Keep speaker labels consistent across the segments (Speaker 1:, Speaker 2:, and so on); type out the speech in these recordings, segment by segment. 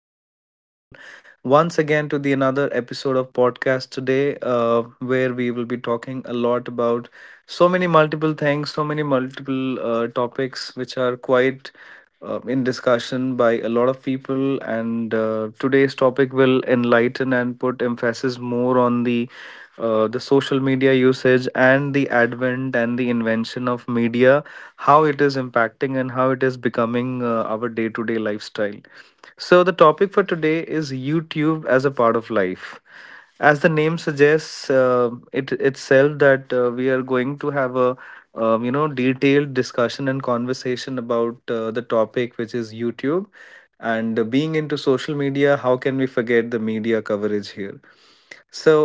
Speaker 1: welcome you all once again to the another episode of podcast today, where we will be talking a lot about so many multiple things, so many multiple topics, which are quite in discussion by a lot of people, and today's topic will enlighten and put emphasis more on the social media usage and the advent and the invention of media, how it is impacting and how it is becoming our day to day lifestyle. So the topic for today is YouTube as a part of life. As the name suggests, it itself that we are going to have a detailed discussion and conversation about the topic, which is YouTube. And being into social media, how can we forget the media coverage here? So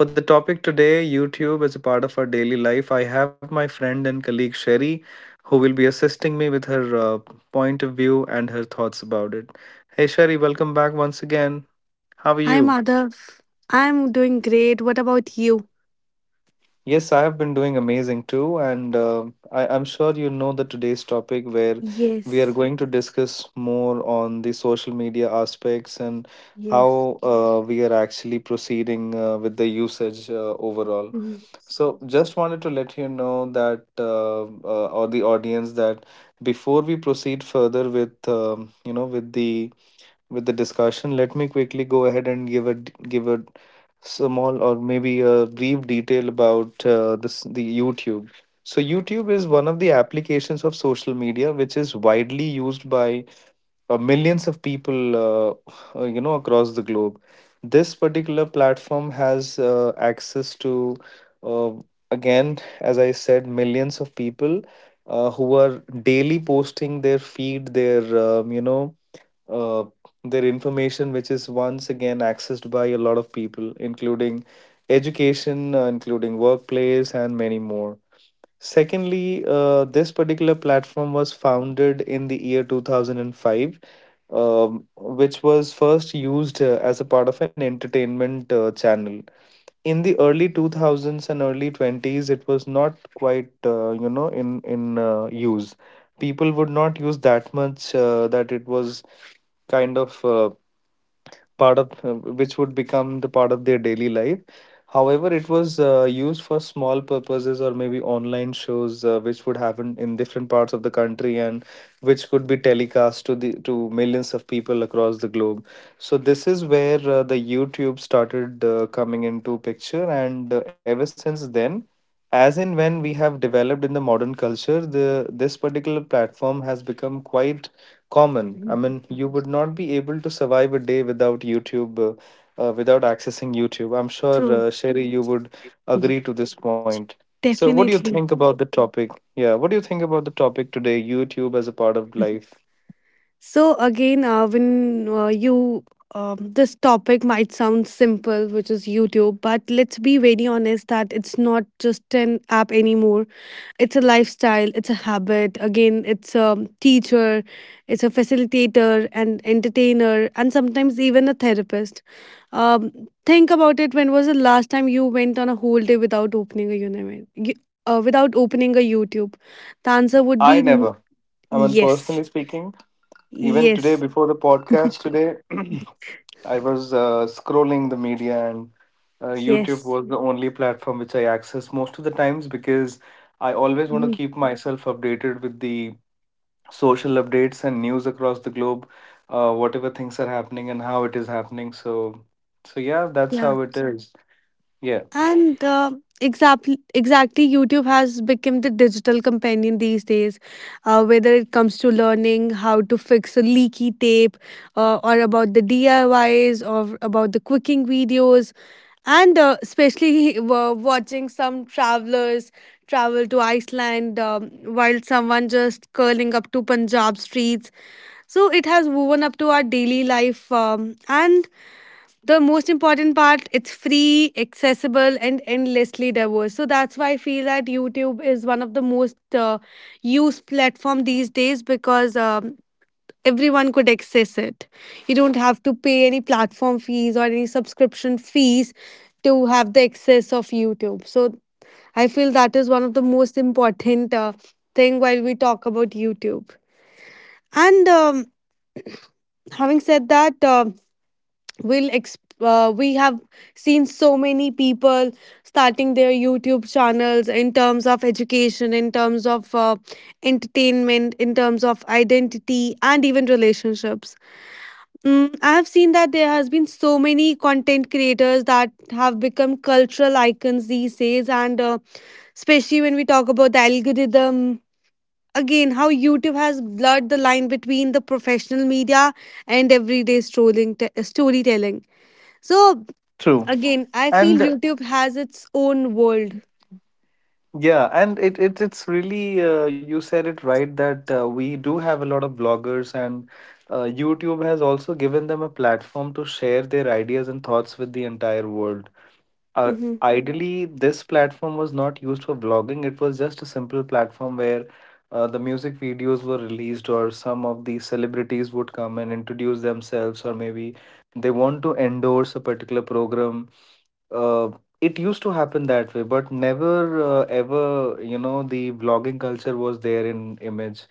Speaker 1: for the topic today, YouTube as a part of our daily life, I have my friend and colleague Sherry, who will be assisting me with her point of view and her thoughts about it. Hey Sherry, welcome back once again. How are
Speaker 2: Hi
Speaker 1: you?
Speaker 2: Madhav, I'm doing great. What about you?
Speaker 1: Yes, I have been doing amazing too, and I'm sure you know the today's topic, where we are
Speaker 2: Yes,
Speaker 1: going to discuss more on the social media aspects and
Speaker 2: yes.
Speaker 1: how we are actually proceeding with the usage overall.
Speaker 2: Mhm.
Speaker 1: So, just wanted to let you know that, or the audience, that before we proceed further with, with the discussion, let me quickly go ahead and give a small or maybe a brief detail about this the YouTube. So YouTube is one of the applications of social media, which is widely used by millions of people across the globe. This particular platform has access to uh, again, as I said, millions of people who are daily posting their feed, their uh, their information, which is once again accessed by a lot of people, including education, including workplace, and many more. Secondly, this particular platform was founded in the year 2005, which was first used as a part of an entertainment channel. In the early 2000s and early 20s, it was not quite in use. People would not use that much that it was kind of part of which would become the part of their daily life. However, it was used for small purposes or maybe online shows which would happen in different parts of the country and which could be telecast to the to millions of people across the globe. So this is where the YouTube started coming into picture, and ever since then, as in when we have developed in the modern culture, the this particular platform has become quite common. I
Speaker 2: Mhm.
Speaker 1: mean, you would not be able to survive a day without YouTube, without accessing YouTube. I'm sure,
Speaker 2: True,
Speaker 1: Sherry, you would
Speaker 2: Mhm.
Speaker 1: agree to this point. So, what do you
Speaker 2: definitely.
Speaker 1: think about the topic? Yeah, what do you think about the topic today, YouTube as a part of
Speaker 2: Mhm.
Speaker 1: life?
Speaker 2: So again, when you this topic might sound simple, which is YouTube, but let's be very honest that it's not just an app anymore. It's a lifestyle, it's a habit. Again, it's a teacher, it's a facilitator, an entertainer, and sometimes even a therapist. Um, think about it. When was the last time you went on a whole day without opening a uni- y- without opening a YouTube? The answer would
Speaker 1: I
Speaker 2: be n-
Speaker 1: never. I mean,
Speaker 2: yes,
Speaker 1: personally speaking, even today
Speaker 2: yes,
Speaker 1: before the podcast today, I was scrolling the media, and YouTube
Speaker 2: yes.
Speaker 1: was the only platform which I access most of the times, because I always want to
Speaker 2: Mhm.
Speaker 1: keep myself updated with the social updates and news across the globe, whatever things are happening and how it is happening. So, so yeah, that's
Speaker 2: Yeah.
Speaker 1: how it is. Yeah,
Speaker 2: And Exactly, YouTube has become the digital companion these days. Whether it comes to learning how to fix a leaky tape, or about the DIYs, or about the cooking videos, and especially watching some travelers travel to Iceland, while someone just curling up to Punjab streets. So it has woven up to our daily life, and the most important part, it's free, accessible, and endlessly diverse. So that's why I feel that YouTube is one of the most used platform these days, because everyone could access it. You don't have to pay any platform fees or any subscription fees to have the access of YouTube. So I feel that is one of the most important thing while we talk about YouTube. And Having said that, we have seen so many people starting their YouTube channels in terms of education, in terms of entertainment, in terms of identity, and even relationships. I have seen that there has been so many content creators that have become cultural icons these days. And Especially when we talk about the algorithm, again, how YouTube has blurred the line between the professional media and everyday storytelling. So
Speaker 1: true.
Speaker 2: again, I feel
Speaker 1: And
Speaker 2: YouTube has its own world.
Speaker 1: yeah, and it's really you said it right that we do have a lot of bloggers and YouTube has also given them a platform to share their ideas and thoughts with the entire world. uh,
Speaker 2: Mm-hmm.
Speaker 1: ideally, this platform was not used for vlogging. It was just a simple platform where the music videos were released or some of the celebrities would come and introduce themselves, or maybe they want to endorse a particular program. uh, it used to happen that way, but never ever, you know, the vlogging culture was there in image.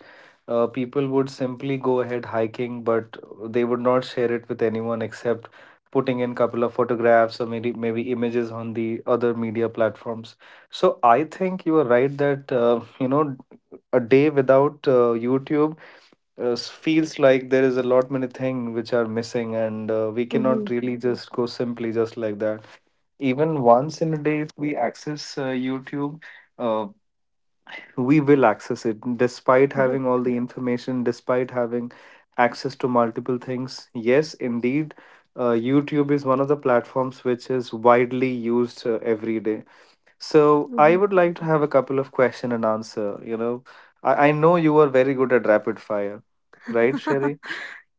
Speaker 1: People would simply go ahead hiking, but they would not share it with anyone except putting in couple of photographs or maybe images on the other media platforms. So I think you are right that, you know, a day without YouTube, feels like there is a lot many things which are missing, and we cannot
Speaker 2: Mm-hmm.
Speaker 1: really just go simply just like that. Even once in a day, if we access YouTube, uh, we will access it despite having all the information, despite having access to multiple things. Yes, indeed, YouTube is one of the platforms which is widely used every day. So I
Speaker 2: Mm-hmm.
Speaker 1: would like to have a couple of question and answer, you know. I know you are very good at rapid fire, right Sherry?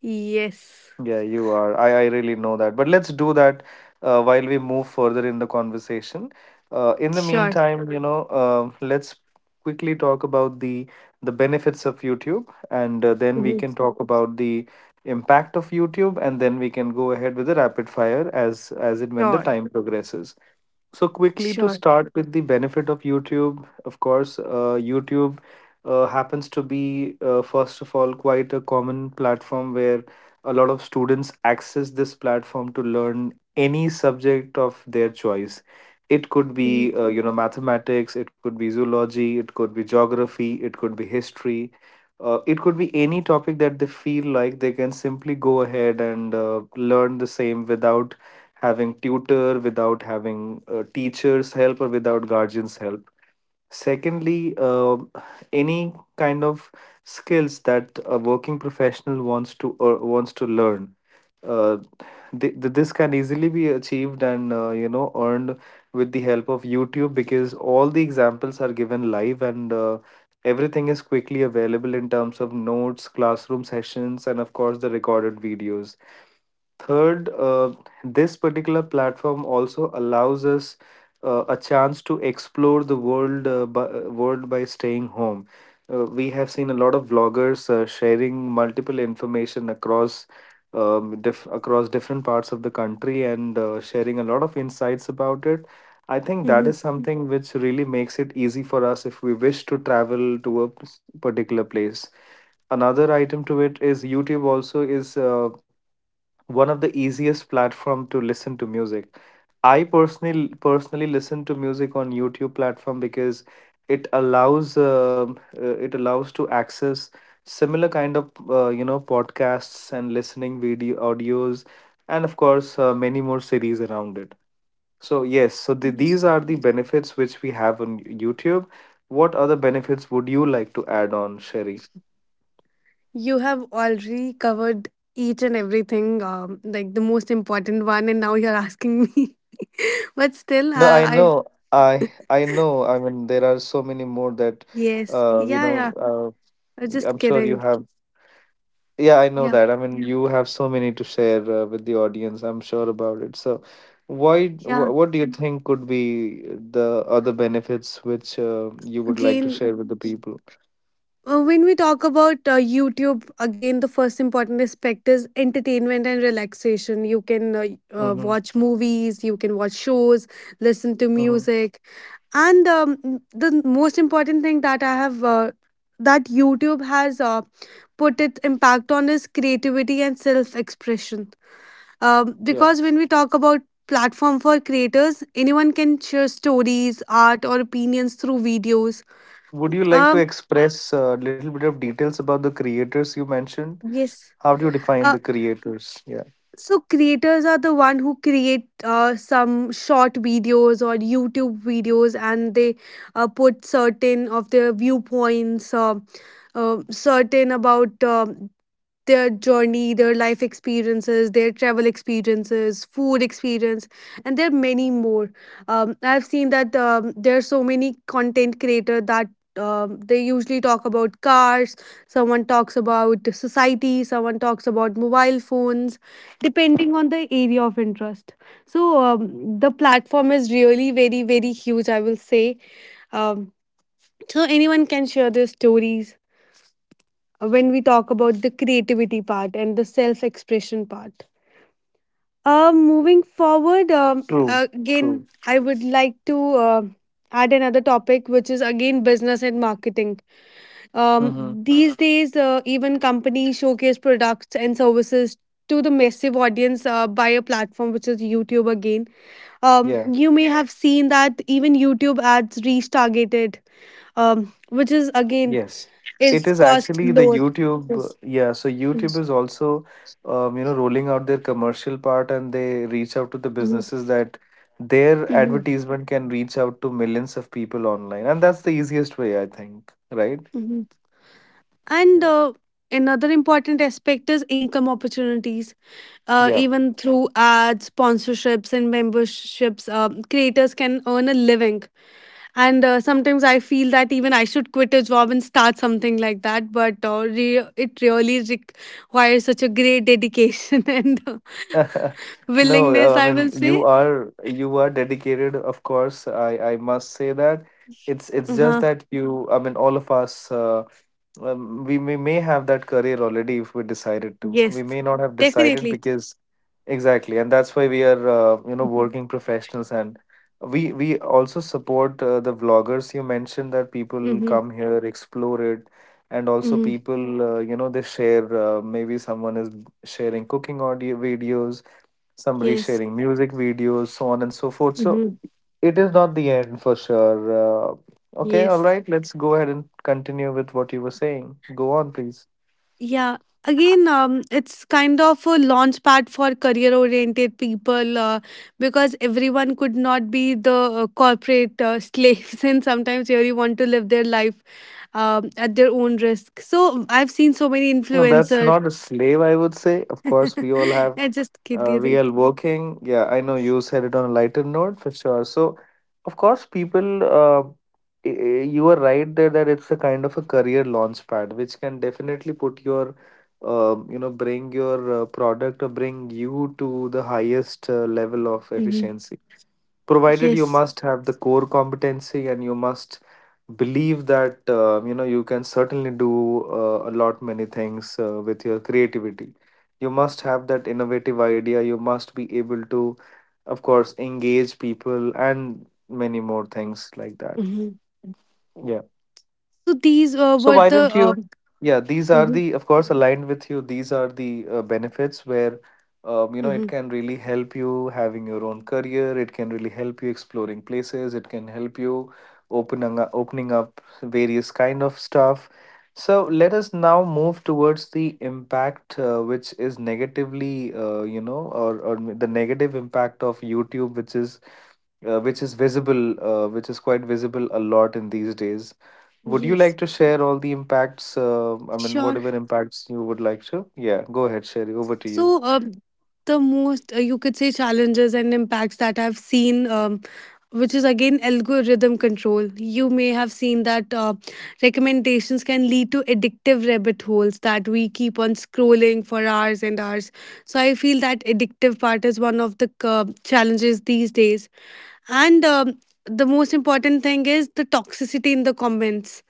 Speaker 2: yes.
Speaker 1: Yeah, you are. I really know that. But let's do that while we move further in the conversation. In the
Speaker 2: Sure.
Speaker 1: meantime, you know, um, let's quickly talk about the benefits of YouTube, and then we
Speaker 2: Mm-hmm.
Speaker 1: can talk about the impact of YouTube, and then we can go ahead with the rapid fire as and when the
Speaker 2: Sure.
Speaker 1: time progresses. So quickly, to
Speaker 2: Sure.
Speaker 1: start with the benefit of YouTube, of course, YouTube happens to be first of all, quite a common platform where a lot of students access this platform to learn any subject of their choice. It could be,
Speaker 2: Mm-hmm.
Speaker 1: mathematics, it could be zoology, it could be geography, it could be history, it could be any topic that they feel like they can simply go ahead and learn the same without having tutor, without having teachers help, or without guardians help. Secondly, any kind of skills that a working professional wants to or wants to learn, uh, this can easily be achieved and earned with the help of YouTube, because all the examples are given live, and everything is quickly available in terms of notes, classroom sessions, and of course the recorded videos. Third, this particular platform also allows us a chance to explore the world by staying home. We have seen a lot of vloggers sharing multiple information across across different parts of the country and sharing a lot of insights about it. I think that
Speaker 2: Mm-hmm.
Speaker 1: is something which really makes it easy for us if we wish to travel to particular place. Another item to it is YouTube also is one of the easiest platform to listen to music. I personally listen to music on YouTube platform because it allows to access similar kind of podcasts and listening video audios, and of course many more series around it. So yes, so
Speaker 2: Yes.
Speaker 1: these are the benefits which we have on YouTube. What other benefits would you like to add on, Sherry?
Speaker 2: You have already covered each and everything, like the most important one, and now you're asking me. but still,
Speaker 1: No,
Speaker 2: uh,
Speaker 1: I
Speaker 2: I
Speaker 1: know. I know. I mean, there are so many more that,
Speaker 2: yes,
Speaker 1: uh, you
Speaker 2: yeah, yeah.
Speaker 1: know,
Speaker 2: I was just
Speaker 1: I'm sure you
Speaker 2: kidding.
Speaker 1: have. Yeah, I know
Speaker 2: Yeah,
Speaker 1: that. I mean, you have so many to share with the audience. I'm sure about it. So, why?
Speaker 2: yeah.
Speaker 1: Wh what do you think could be the other benefits which you would like to
Speaker 2: Again,
Speaker 1: share with the people?
Speaker 2: When we talk about YouTube, again, the first important aspect is entertainment and relaxation. You can uh,
Speaker 1: Mm-hmm.
Speaker 2: uh, watch movies, you can watch shows, listen to
Speaker 1: Mm-hmm.
Speaker 2: music. And the most important thing that YouTube has put its impact on is creativity and self expression. Because
Speaker 1: Yes.
Speaker 2: when we talk about platform for creators, anyone can share stories, art, or opinions through videos.
Speaker 1: Would you like to
Speaker 2: Um,
Speaker 1: express a little bit of details about the creators you mentioned?
Speaker 2: yes.
Speaker 1: How do you define
Speaker 2: Uh,
Speaker 1: the creators? Yeah.
Speaker 2: so creators are the one who create some short videos or YouTube videos, and they put certain of their viewpoints. Certain about their journey, their life experiences, their travel experiences, food experience, and there are many more. I've seen that there are so many content creators that they usually talk about cars, someone talks about the society, someone talks about mobile phones, depending on the area of interest. So the platform is really very, very huge, I will say. Um, so anyone can share their stories when we talk about the creativity part and the self expression part. Moving forward,
Speaker 1: True.
Speaker 2: again,
Speaker 1: True.
Speaker 2: I would like to add another topic, which is again business and marketing.
Speaker 1: Mm-hmm.
Speaker 2: These days, even companies showcase products and services to the massive audience by a platform which is YouTube again.
Speaker 1: Yeah.
Speaker 2: You may have seen that even YouTube ads reach targeted, which is again
Speaker 1: Yes, it
Speaker 2: is
Speaker 1: is
Speaker 2: cost
Speaker 1: actually the
Speaker 2: lower.
Speaker 1: YouTube.
Speaker 2: Yes.
Speaker 1: Yeah, so YouTube is also, rolling out their commercial part, and they reach out to the
Speaker 2: Mm-hmm.
Speaker 1: businesses that their
Speaker 2: hmm
Speaker 1: advertisement can reach out to millions of people online. And that's the easiest way, I think, right?
Speaker 2: hmm And
Speaker 1: Yeah.
Speaker 2: another important aspect is income opportunities.
Speaker 1: Yeah.
Speaker 2: Even through ads, sponsorships, and memberships, creators can earn a living. And sometimes I feel that even I should quit a job and start something like that. But it really requires such a great dedication and
Speaker 1: No,
Speaker 2: willingness, I
Speaker 1: I mean,
Speaker 2: will say.
Speaker 1: you are dedicated, of course. I must say that it's just
Speaker 2: Uh-huh.
Speaker 1: that you. I mean, all of us. We may have that career already if we decided to. We
Speaker 2: Yes,
Speaker 1: may not have decided
Speaker 2: definitely.
Speaker 1: because exactly, and that's why we are, working professionals, and we also support the vloggers. You mentioned that people
Speaker 2: Mm-hmm.
Speaker 1: come here, explore it, and also
Speaker 2: Mm-hmm.
Speaker 1: people, they share. Maybe someone is sharing cooking audio videos, somebody
Speaker 2: Yes.
Speaker 1: sharing music videos, so on and so forth. So
Speaker 2: Mm-hmm.
Speaker 1: it is not the end for sure. Okay, all
Speaker 2: Yes.
Speaker 1: right. Let's go ahead and continue with what you were saying. Go on, please.
Speaker 2: Yeah. Again, it's kind of a launch pad for career oriented people, because everyone could not be the corporate slaves, and sometimes they really want to live their life at their own risk. So I've seen so many
Speaker 1: No, that's
Speaker 2: influencers.
Speaker 1: not a slave, I would say. Of course, we all have
Speaker 2: I just kidding.
Speaker 1: real working. Yeah, I know you said it on a lighter note for sure. So, of course, people, you are right there that it's a kind of a career launch pad, which can definitely put your, bring your product or bring you to the highest level of
Speaker 2: Mm-hmm.
Speaker 1: efficiency provided you
Speaker 2: Yes.
Speaker 1: must have the core competency and you must believe that you know you can certainly do a lot many things with your creativity. You must have that innovative idea. You must be able to of course engage people and many more things like that.
Speaker 2: hmm
Speaker 1: Yeah,
Speaker 2: So these
Speaker 1: so
Speaker 2: were
Speaker 1: why
Speaker 2: the.
Speaker 1: don't you? Yeah, these are
Speaker 2: Mhm,
Speaker 1: the, of course, aligned with you. These are the benefits where, you know, it
Speaker 2: mhm.
Speaker 1: can really help you having your own career. It can really help you exploring places. It can help you opening up various kind of stuff. So let us now move towards the impact, which is negatively, you know, or the negative impact of YouTube, which is visible, which is quite visible a lot in these days. Would you
Speaker 2: Yes.
Speaker 1: like to share all the impacts? I mean,
Speaker 2: Sure.
Speaker 1: whatever impacts you would like to? Yeah, go ahead, Sherry. Over to you.
Speaker 2: So, the most you could say challenges and impacts that I've seen, which is again algorithm control. You may have seen that recommendations can lead to addictive rabbit holes that we keep on scrolling for hours and hours. So I feel that addictive part is one of the challenges these days. And the most important thing is the toxicity in the comments.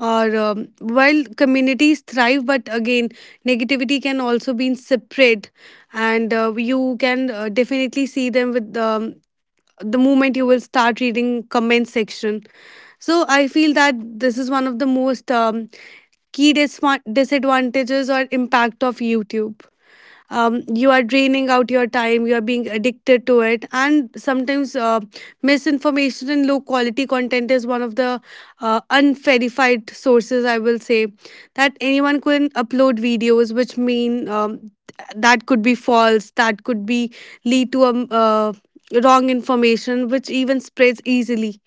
Speaker 2: Or While communities thrive, but again, negativity can also be spread, and you can definitely see them with the moment you will start reading comment section. So I feel that this is one of the most key disadvantages or impact of YouTube. You are draining out your time, you are being addicted to it, and sometimes misinformation and low quality content is one of the unverified sources, I will say, that anyone can upload videos, which mean that could be false, that could be lead to wrong information which even spreads easily.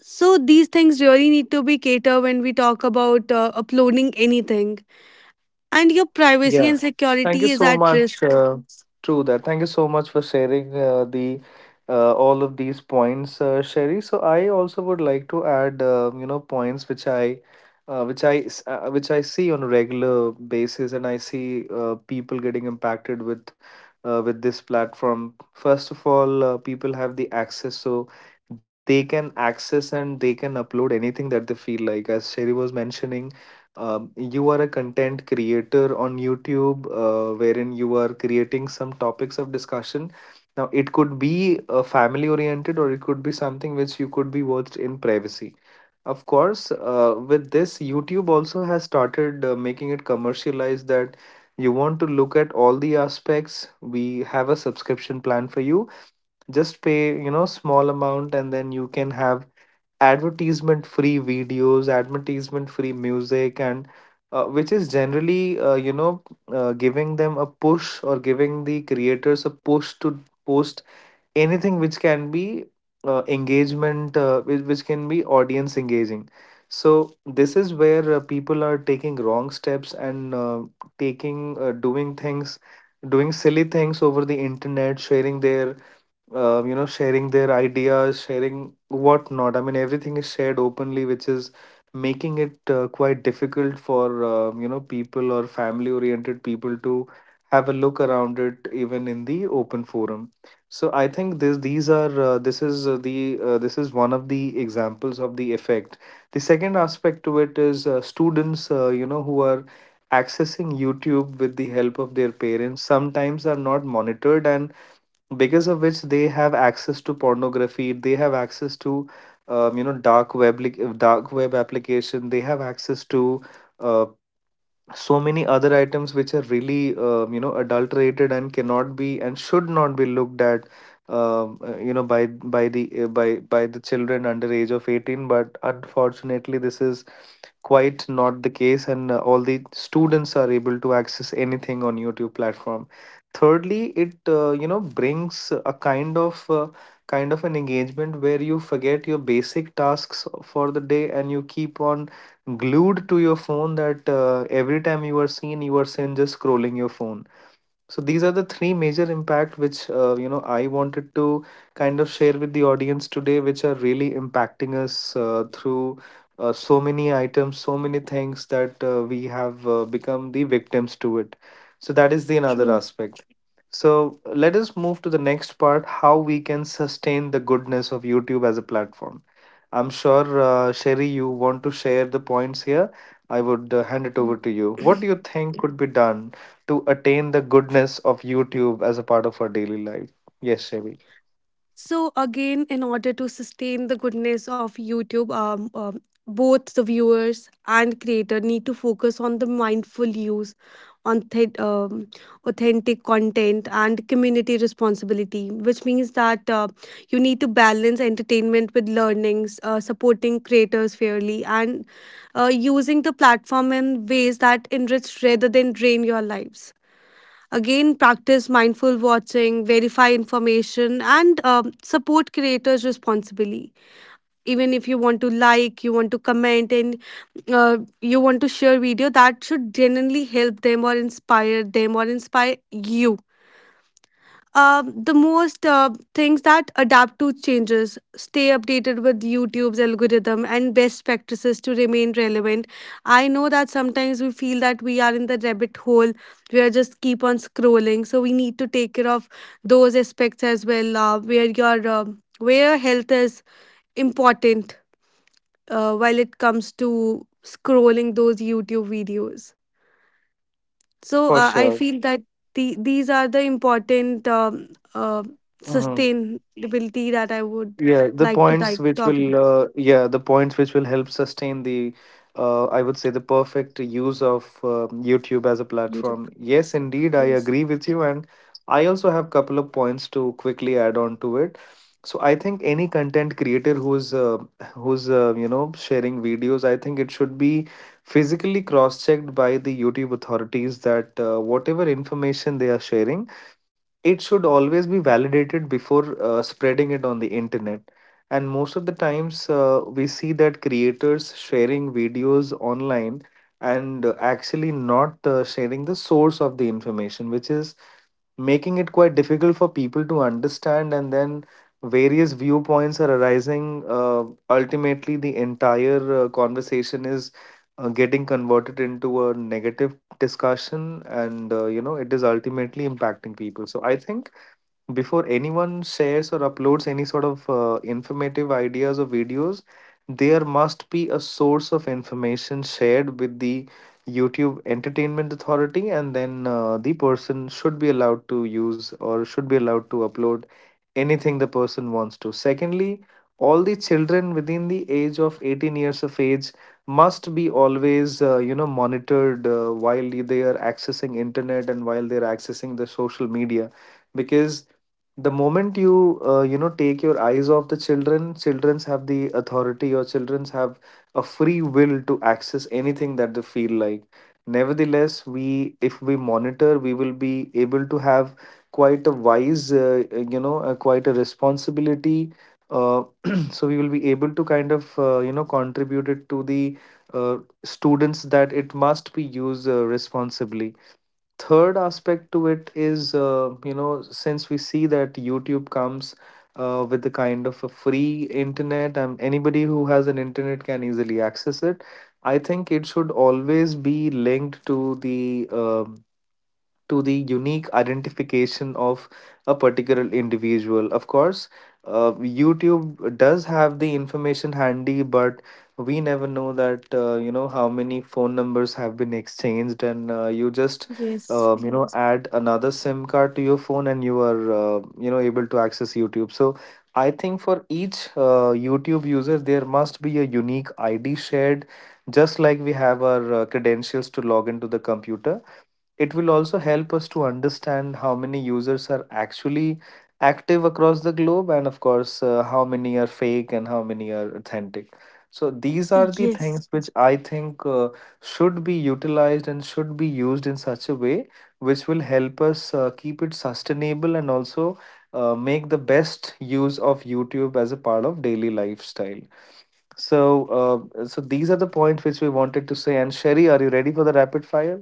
Speaker 2: So these things really need to be catered when we talk about uploading anything. And your privacy
Speaker 1: Yeah,
Speaker 2: and
Speaker 1: thank you
Speaker 2: security is
Speaker 1: so
Speaker 2: at
Speaker 1: much.
Speaker 2: risk.
Speaker 1: True that. Thank you so much for sharing the all of these points, Sherry. So I also would like to add, you know, points which I, s- which I see on a regular basis, and I see people getting impacted with this platform. First of all, people have the access, so they can access and they can upload anything that they feel like. As Sherry was mentioning, you are a content creator on YouTube, wherein you are creating some topics of discussion. Now, it could be family oriented or it could be something which you could be watched in privacy. Of course, with this, YouTube also has started making it commercialized that you want to look at all the aspects. We have a subscription plan for you. Just pay, you know, small amount and then you can have advertisement free videos, advertisement free music, and which is generally you know giving them a push or giving the creators a push to post anything which can be engagement which can be audience engaging. So this is where people are taking wrong steps and taking doing things doing silly things over the internet, sharing their you know, sharing their ideas, sharing what not. I mean, everything is shared openly, which is making it quite difficult for you know, people or family oriented people to have a look around it even in the open forum. So I think this these are this is one of the examples of the effect. The second aspect to it is students, you know, who are accessing YouTube with the help of their parents sometimes are not monitored, and because of which they have access to pornography, they have access to you know, dark web application, they have access to uh, so many other items which are really you know, adulterated and cannot be and should not be looked at you know, by the children under age of 18. But unfortunately this is quite not the case, and all the students are able to access anything on YouTube platform. Thirdly, it you know, brings a kind of an engagement where you forget your basic tasks for the day and you keep on glued to your phone, that every time you are seen, you are seen just scrolling your phone. So these are the three major impact which you know, I wanted to kind of share with the audience today, which are really impacting us through so many items, so many things that we have become the victims to it. So that is the another
Speaker 2: True.
Speaker 1: aspect. So let us move to the next part: how we can sustain the goodness of YouTube as a platform. I'm sure, Sherry, you want to share the points here. I would hand it over to you. What do you think could be done to attain the goodness of YouTube as a part of our daily life? Yes, Sherry,
Speaker 2: So again, in order to sustain the goodness of YouTube, both the viewers and creator need to focus on the mindful use, on authentic content and community responsibility, which means that you need to balance entertainment with learnings, supporting creators fairly, and using the platform in ways that enrich rather than drain your lives. Again, practice mindful watching, verify information, and support creators responsibly. Even if you want to like, you want to comment, and you want to share video, that should genuinely help them or inspire you. The most Things that adapt to changes, stay updated with YouTube's algorithm and best practices to remain relevant. I know that sometimes we feel that we are in the rabbit hole, we are just keep on scrolling. So we need to take care of those aspects as well, where your health is important while it comes to scrolling those YouTube videos. So
Speaker 1: for
Speaker 2: uh, I
Speaker 1: sure.
Speaker 2: feel that these are the important uh,
Speaker 1: Mm-hmm.
Speaker 2: sustainability that I would
Speaker 1: Yeah, the
Speaker 2: like to
Speaker 1: points which
Speaker 2: talk about.
Speaker 1: will help sustain the I would say the perfect use of YouTube as a
Speaker 2: YouTube.
Speaker 1: platform. Yes, indeed, I
Speaker 2: Yes.
Speaker 1: agree with you, and I also have couple of points to quickly add on to it. So I think any content creator who's you know, sharing videos, I think it should be physically cross checked by the YouTube authorities, that whatever information they are sharing, it should always be validated before spreading it on the internet. And most of the times we see that creators sharing videos online and actually not sharing the source of the information, which is making it quite difficult for people to understand, and then various viewpoints are arising. Ultimately the entire conversation is getting converted into a negative discussion, and you know, it is ultimately impacting people. So I think before anyone shares or uploads any sort of informative ideas or videos, there must be a source of information shared with the YouTube Entertainment Authority, and then the person should be allowed to use or should be allowed to upload anything the person wants to. Secondly, all the children within the age of 18 years of age must be always you know, monitored while they are accessing internet and while they are accessing the social media, because the moment you you know, take your eyes off the children, children's have the authority or children's have a free will to access anything that they feel like. Nevertheless, we if we monitor, we will be able to have quite a wise you know, quite a responsibility, uh, so we will be able to kind of you know, contribute it to the uh, students that it must be used responsibly. Third aspect to it is you know, since we see that YouTube comes with the kind of a free internet and anybody who has an internet can easily access it, I think it should always be linked to the unique identification of a particular individual. Of course, YouTube does have the information handy, but we never know that you know, how many phone numbers have been exchanged, and you just
Speaker 2: Yes.
Speaker 1: you know, add another sim card to your phone and you are you know, able to access YouTube. So I think for each YouTube user there must be a unique id shared, just like we have our credentials to log into the computer. It will also help us to understand how many users are actually active across the globe, and of course, how many are fake and how many are authentic. So these are the things
Speaker 2: Yes.
Speaker 1: which I think should be utilized and should be used in such a way which will help us keep it sustainable and also make the best use of YouTube as a part of daily lifestyle. So, so these are the points which we wanted to say. And Sherry, are you ready for the rapid fire?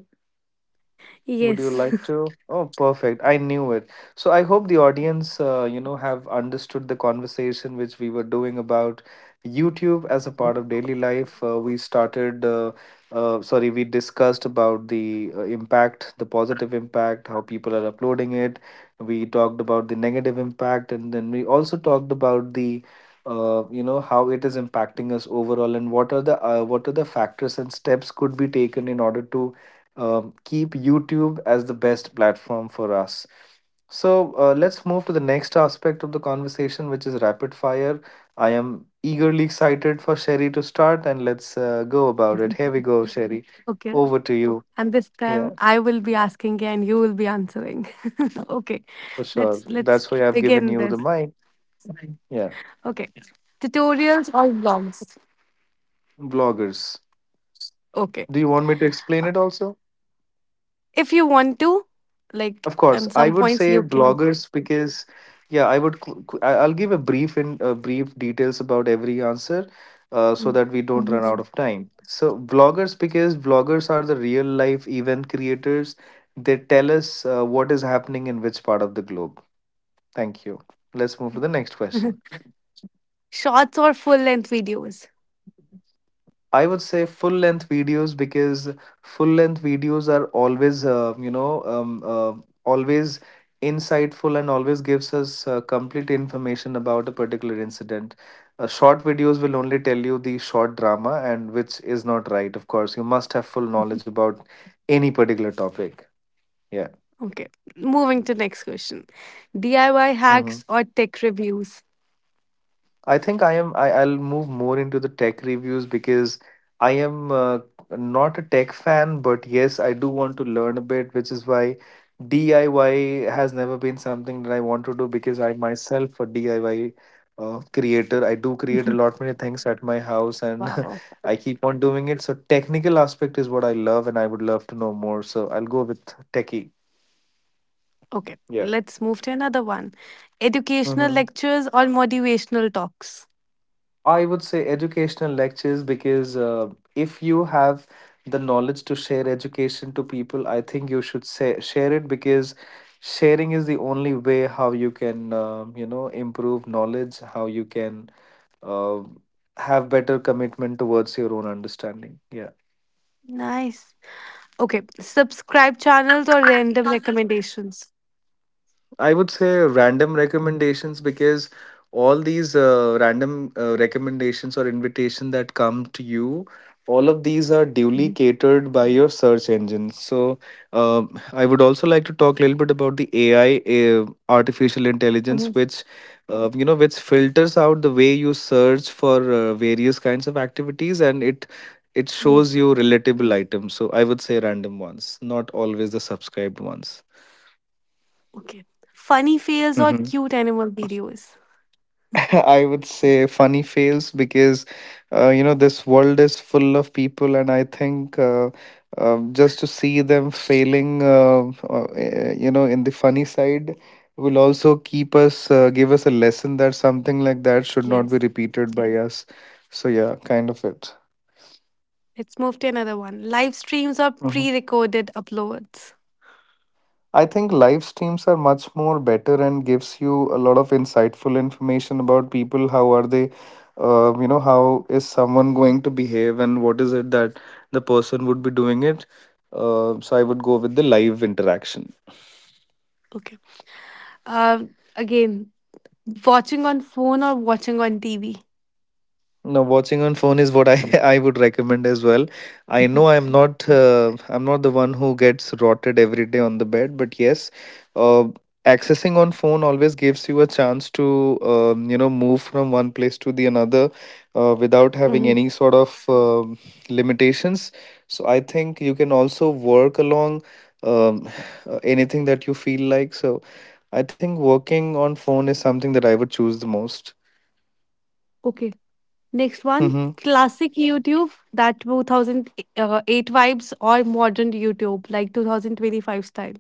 Speaker 1: Would you like
Speaker 2: Yes.
Speaker 1: to? Oh, perfect. I knew it. So I hope the audience, you know, have understood the conversation which we were doing about YouTube as a part of daily life. We discussed about the impact, the positive impact, how people are uploading it. We talked about the negative impact, and then we also talked about the you know, how it is impacting us overall, and what are the factors and steps could be taken in order to keep YouTube as the best platform for us. So let's move to the next aspect of the conversation, which is rapid fire. I am eagerly excited for Sherry to start, and let's go about it. Here we go, Sherry.
Speaker 2: okay.
Speaker 1: Over to you.
Speaker 2: And this
Speaker 1: Yeah,
Speaker 2: time I will be asking and you will be answering. okay.
Speaker 1: for sure.
Speaker 2: Let's
Speaker 1: That's why I've given
Speaker 2: begin
Speaker 1: you the
Speaker 2: this.
Speaker 1: mic. Yeah,
Speaker 2: Okay. Tutorials or vlogs?
Speaker 1: bloggers.
Speaker 2: Okay.
Speaker 1: Do you want me to explain it also?
Speaker 2: If you want to, like,
Speaker 1: Of course,
Speaker 2: at
Speaker 1: I
Speaker 2: some
Speaker 1: would
Speaker 2: points
Speaker 1: say
Speaker 2: you can.
Speaker 1: bloggers because, yeah, I would. I'll give a brief in brief details about every answer, so that we don't run
Speaker 2: Mhm.
Speaker 1: out of time. So bloggers because bloggers are the real life event creators. They tell us what is happening in which part of the globe. Thank you. Let's move to the next question.
Speaker 2: Shorts or full length videos?
Speaker 1: I would say full length videos because full length videos are always insightful and always gives us complete information about a particular incident. Short videos will only tell you the short drama, and which is not right. Of course, you must have full knowledge about any particular topic. Yeah.
Speaker 2: Okay. Moving to next question. DIY
Speaker 1: Mm-hmm.
Speaker 2: hacks or tech reviews?
Speaker 1: I think I am I, I'll move more into the tech reviews because I am not a tech fan, but yes, I do want to learn a bit, which is why DIY has never been something that I want to do because I myself a DIY creator. I do create a lot many things at my house and
Speaker 2: Wow.
Speaker 1: I keep on doing it. So technical aspect is what I love and I would love to know more. So I'll go with techie.
Speaker 2: Okay.
Speaker 1: Yeah.
Speaker 2: Let's move to another one. Educational
Speaker 1: Mm-hmm.
Speaker 2: lectures or motivational talks?
Speaker 1: I would say educational lectures because if you have the knowledge to share education to people, I think you should say, share it because sharing is the only way how you can you know improve knowledge, how you can uh, have better commitment towards your own understanding. Yeah.
Speaker 2: Nice. Okay. Subscribe channels or random recommendations?
Speaker 1: I would say random recommendations because all these random recommendations or invitation that come to you, all of these are duly
Speaker 2: Mhm.
Speaker 1: catered by your search engine. So I would also like to talk a little bit about the AI, artificial
Speaker 2: Mhm.
Speaker 1: intelligence, which you know, which filters out the way you search for various kinds of activities, and it shows
Speaker 2: Yes.
Speaker 1: you relatable items. So I would say random ones, not always the subscribed ones.
Speaker 2: Okay. Funny fails or cute animal videos?
Speaker 1: I would say funny fails because you know this world is full of people, and I think just to see them failing, you know, in the funny side will also keep us give us a lesson that something like that should not be
Speaker 2: Yes.
Speaker 1: repeated by us. So yeah, kind of it.
Speaker 2: Let's move to another one. Live streams or pre recorded uploads?
Speaker 1: I think live streams are much more better and gives you a lot of insightful information about people. How are they? You know, how is someone going to behave, and what is it that the person would be doing it? So I would go with the live interaction.
Speaker 2: Okay. Again Watching on phone or watching on TV?
Speaker 1: No, watching on phone is what I I would recommend as well. I know I'm not the one who gets rotted every day on the bed, but yes, uh, accessing on phone always gives you a chance to you know move from one place to the another without having
Speaker 2: Mhm.
Speaker 1: any sort of limitations. So I think you can also work along um, anything that you feel like. So I think working on phone is something that I would choose the most.
Speaker 2: Okay. Next one,
Speaker 1: Mm-hmm.
Speaker 2: classic YouTube, that 2008 vibes or modern YouTube, like 2025 style,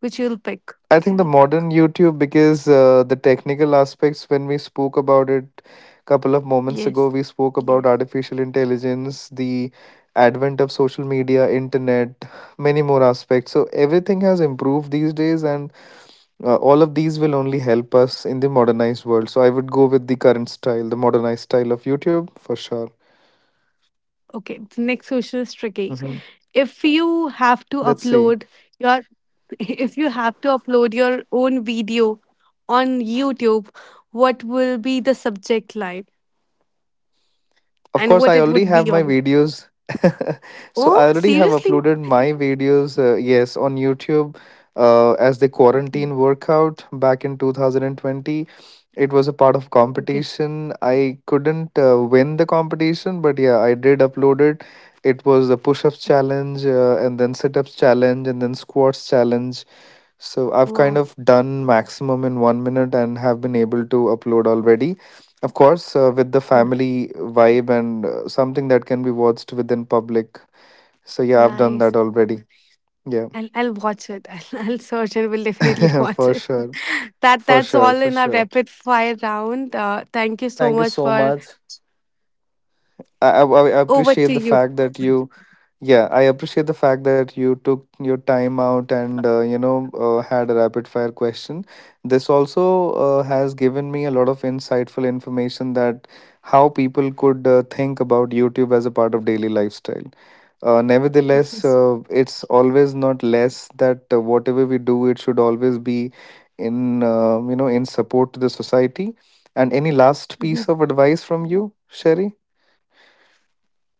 Speaker 2: which you'll pick.
Speaker 1: I think the modern YouTube because the technical aspects when we spoke about it couple of moments ago
Speaker 2: Yes.
Speaker 1: we spoke about yes, artificial intelligence, the advent of social media, internet, many more aspects, so everything has improved these days and all of these will only help us in the modernized world, so I would go with the current style, the modernized style of YouTube for sure.
Speaker 2: Okay. The next question is tricky.
Speaker 1: Mhm.
Speaker 2: If you have to
Speaker 1: Let's see.
Speaker 2: upload your, if you have to upload your own video on YouTube, what will be the subject line
Speaker 1: Of
Speaker 2: and
Speaker 1: course,
Speaker 2: what
Speaker 1: I
Speaker 2: it
Speaker 1: already
Speaker 2: would
Speaker 1: have
Speaker 2: be
Speaker 1: my
Speaker 2: on?
Speaker 1: videos. So I
Speaker 2: Oh,
Speaker 1: already have
Speaker 2: seriously?
Speaker 1: uploaded my videos, yes, on YouTube as the
Speaker 2: Okay.
Speaker 1: quarantine workout back in 2020. It was a part of
Speaker 2: Okay.
Speaker 1: competition. I couldn't win the competition, but yeah, I did upload it. It was the push-ups challenge, and then sit-ups challenge, and then squats challenge. So I've kind
Speaker 2: Wow,
Speaker 1: of done maximum in 1 minute and have been able to upload already. Of course, with the
Speaker 2: n-
Speaker 1: family vibe and something that can be watched within public. So yeah, I've done
Speaker 2: nice.
Speaker 1: that already. Yeah,
Speaker 2: I'll watch it. I'll search and will definitely watch
Speaker 1: for
Speaker 2: it.
Speaker 1: sure,
Speaker 2: That
Speaker 1: for
Speaker 2: that's
Speaker 1: sure,
Speaker 2: all
Speaker 1: for
Speaker 2: in our
Speaker 1: sure.
Speaker 2: rapid fire round. Thank you so
Speaker 1: Thank you
Speaker 2: much
Speaker 1: so
Speaker 2: for
Speaker 1: much. I
Speaker 2: over to
Speaker 1: appreciate the
Speaker 2: you.
Speaker 1: fact that you, yeah, I appreciate the fact that you took your time out and you know had a rapid fire question. This also has given me a lot of insightful information that how people could think about YouTube as a part of daily lifestyle. Nevertheless,
Speaker 2: Yes.
Speaker 1: it's always not less that whatever we do, it should always be in you know in support to the society. And any last
Speaker 2: Mhm.
Speaker 1: piece of advice from you, Sherry,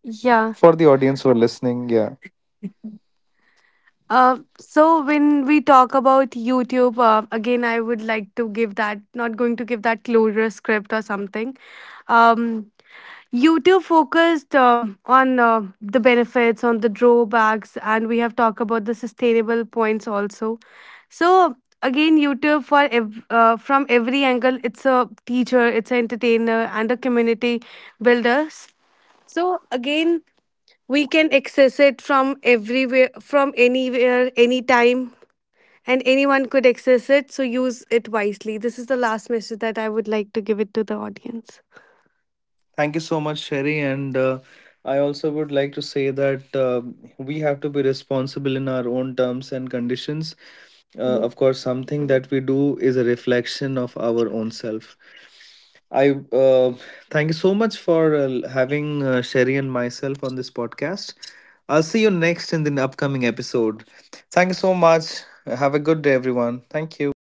Speaker 2: Yeah.
Speaker 1: for the audience who are listening? Yeah.
Speaker 2: So when we talk about YouTube, again, I would like to give that, not going to give that closure script or something. Um, YouTube focused on the benefits, on the drawbacks, and we have talked about the sustainable points also. So again, YouTube for from every angle, it's a teacher, it's an entertainer, and a community builder. So again, we can access it from everywhere, from anywhere, anytime, and anyone could access it. So use it wisely. This is the last message that I would like to give it to the audience.
Speaker 1: Thank you so much, Sherry. And I also would like to say that we have to be responsible in our own terms and conditions.
Speaker 2: Mhm.
Speaker 1: Of course, something that we do is a reflection of our own self. I uh, Thank you so much for having Sherry and myself on this podcast. I'll see you next in the upcoming episode. Thank you so much. Have a good day, everyone. Thank you.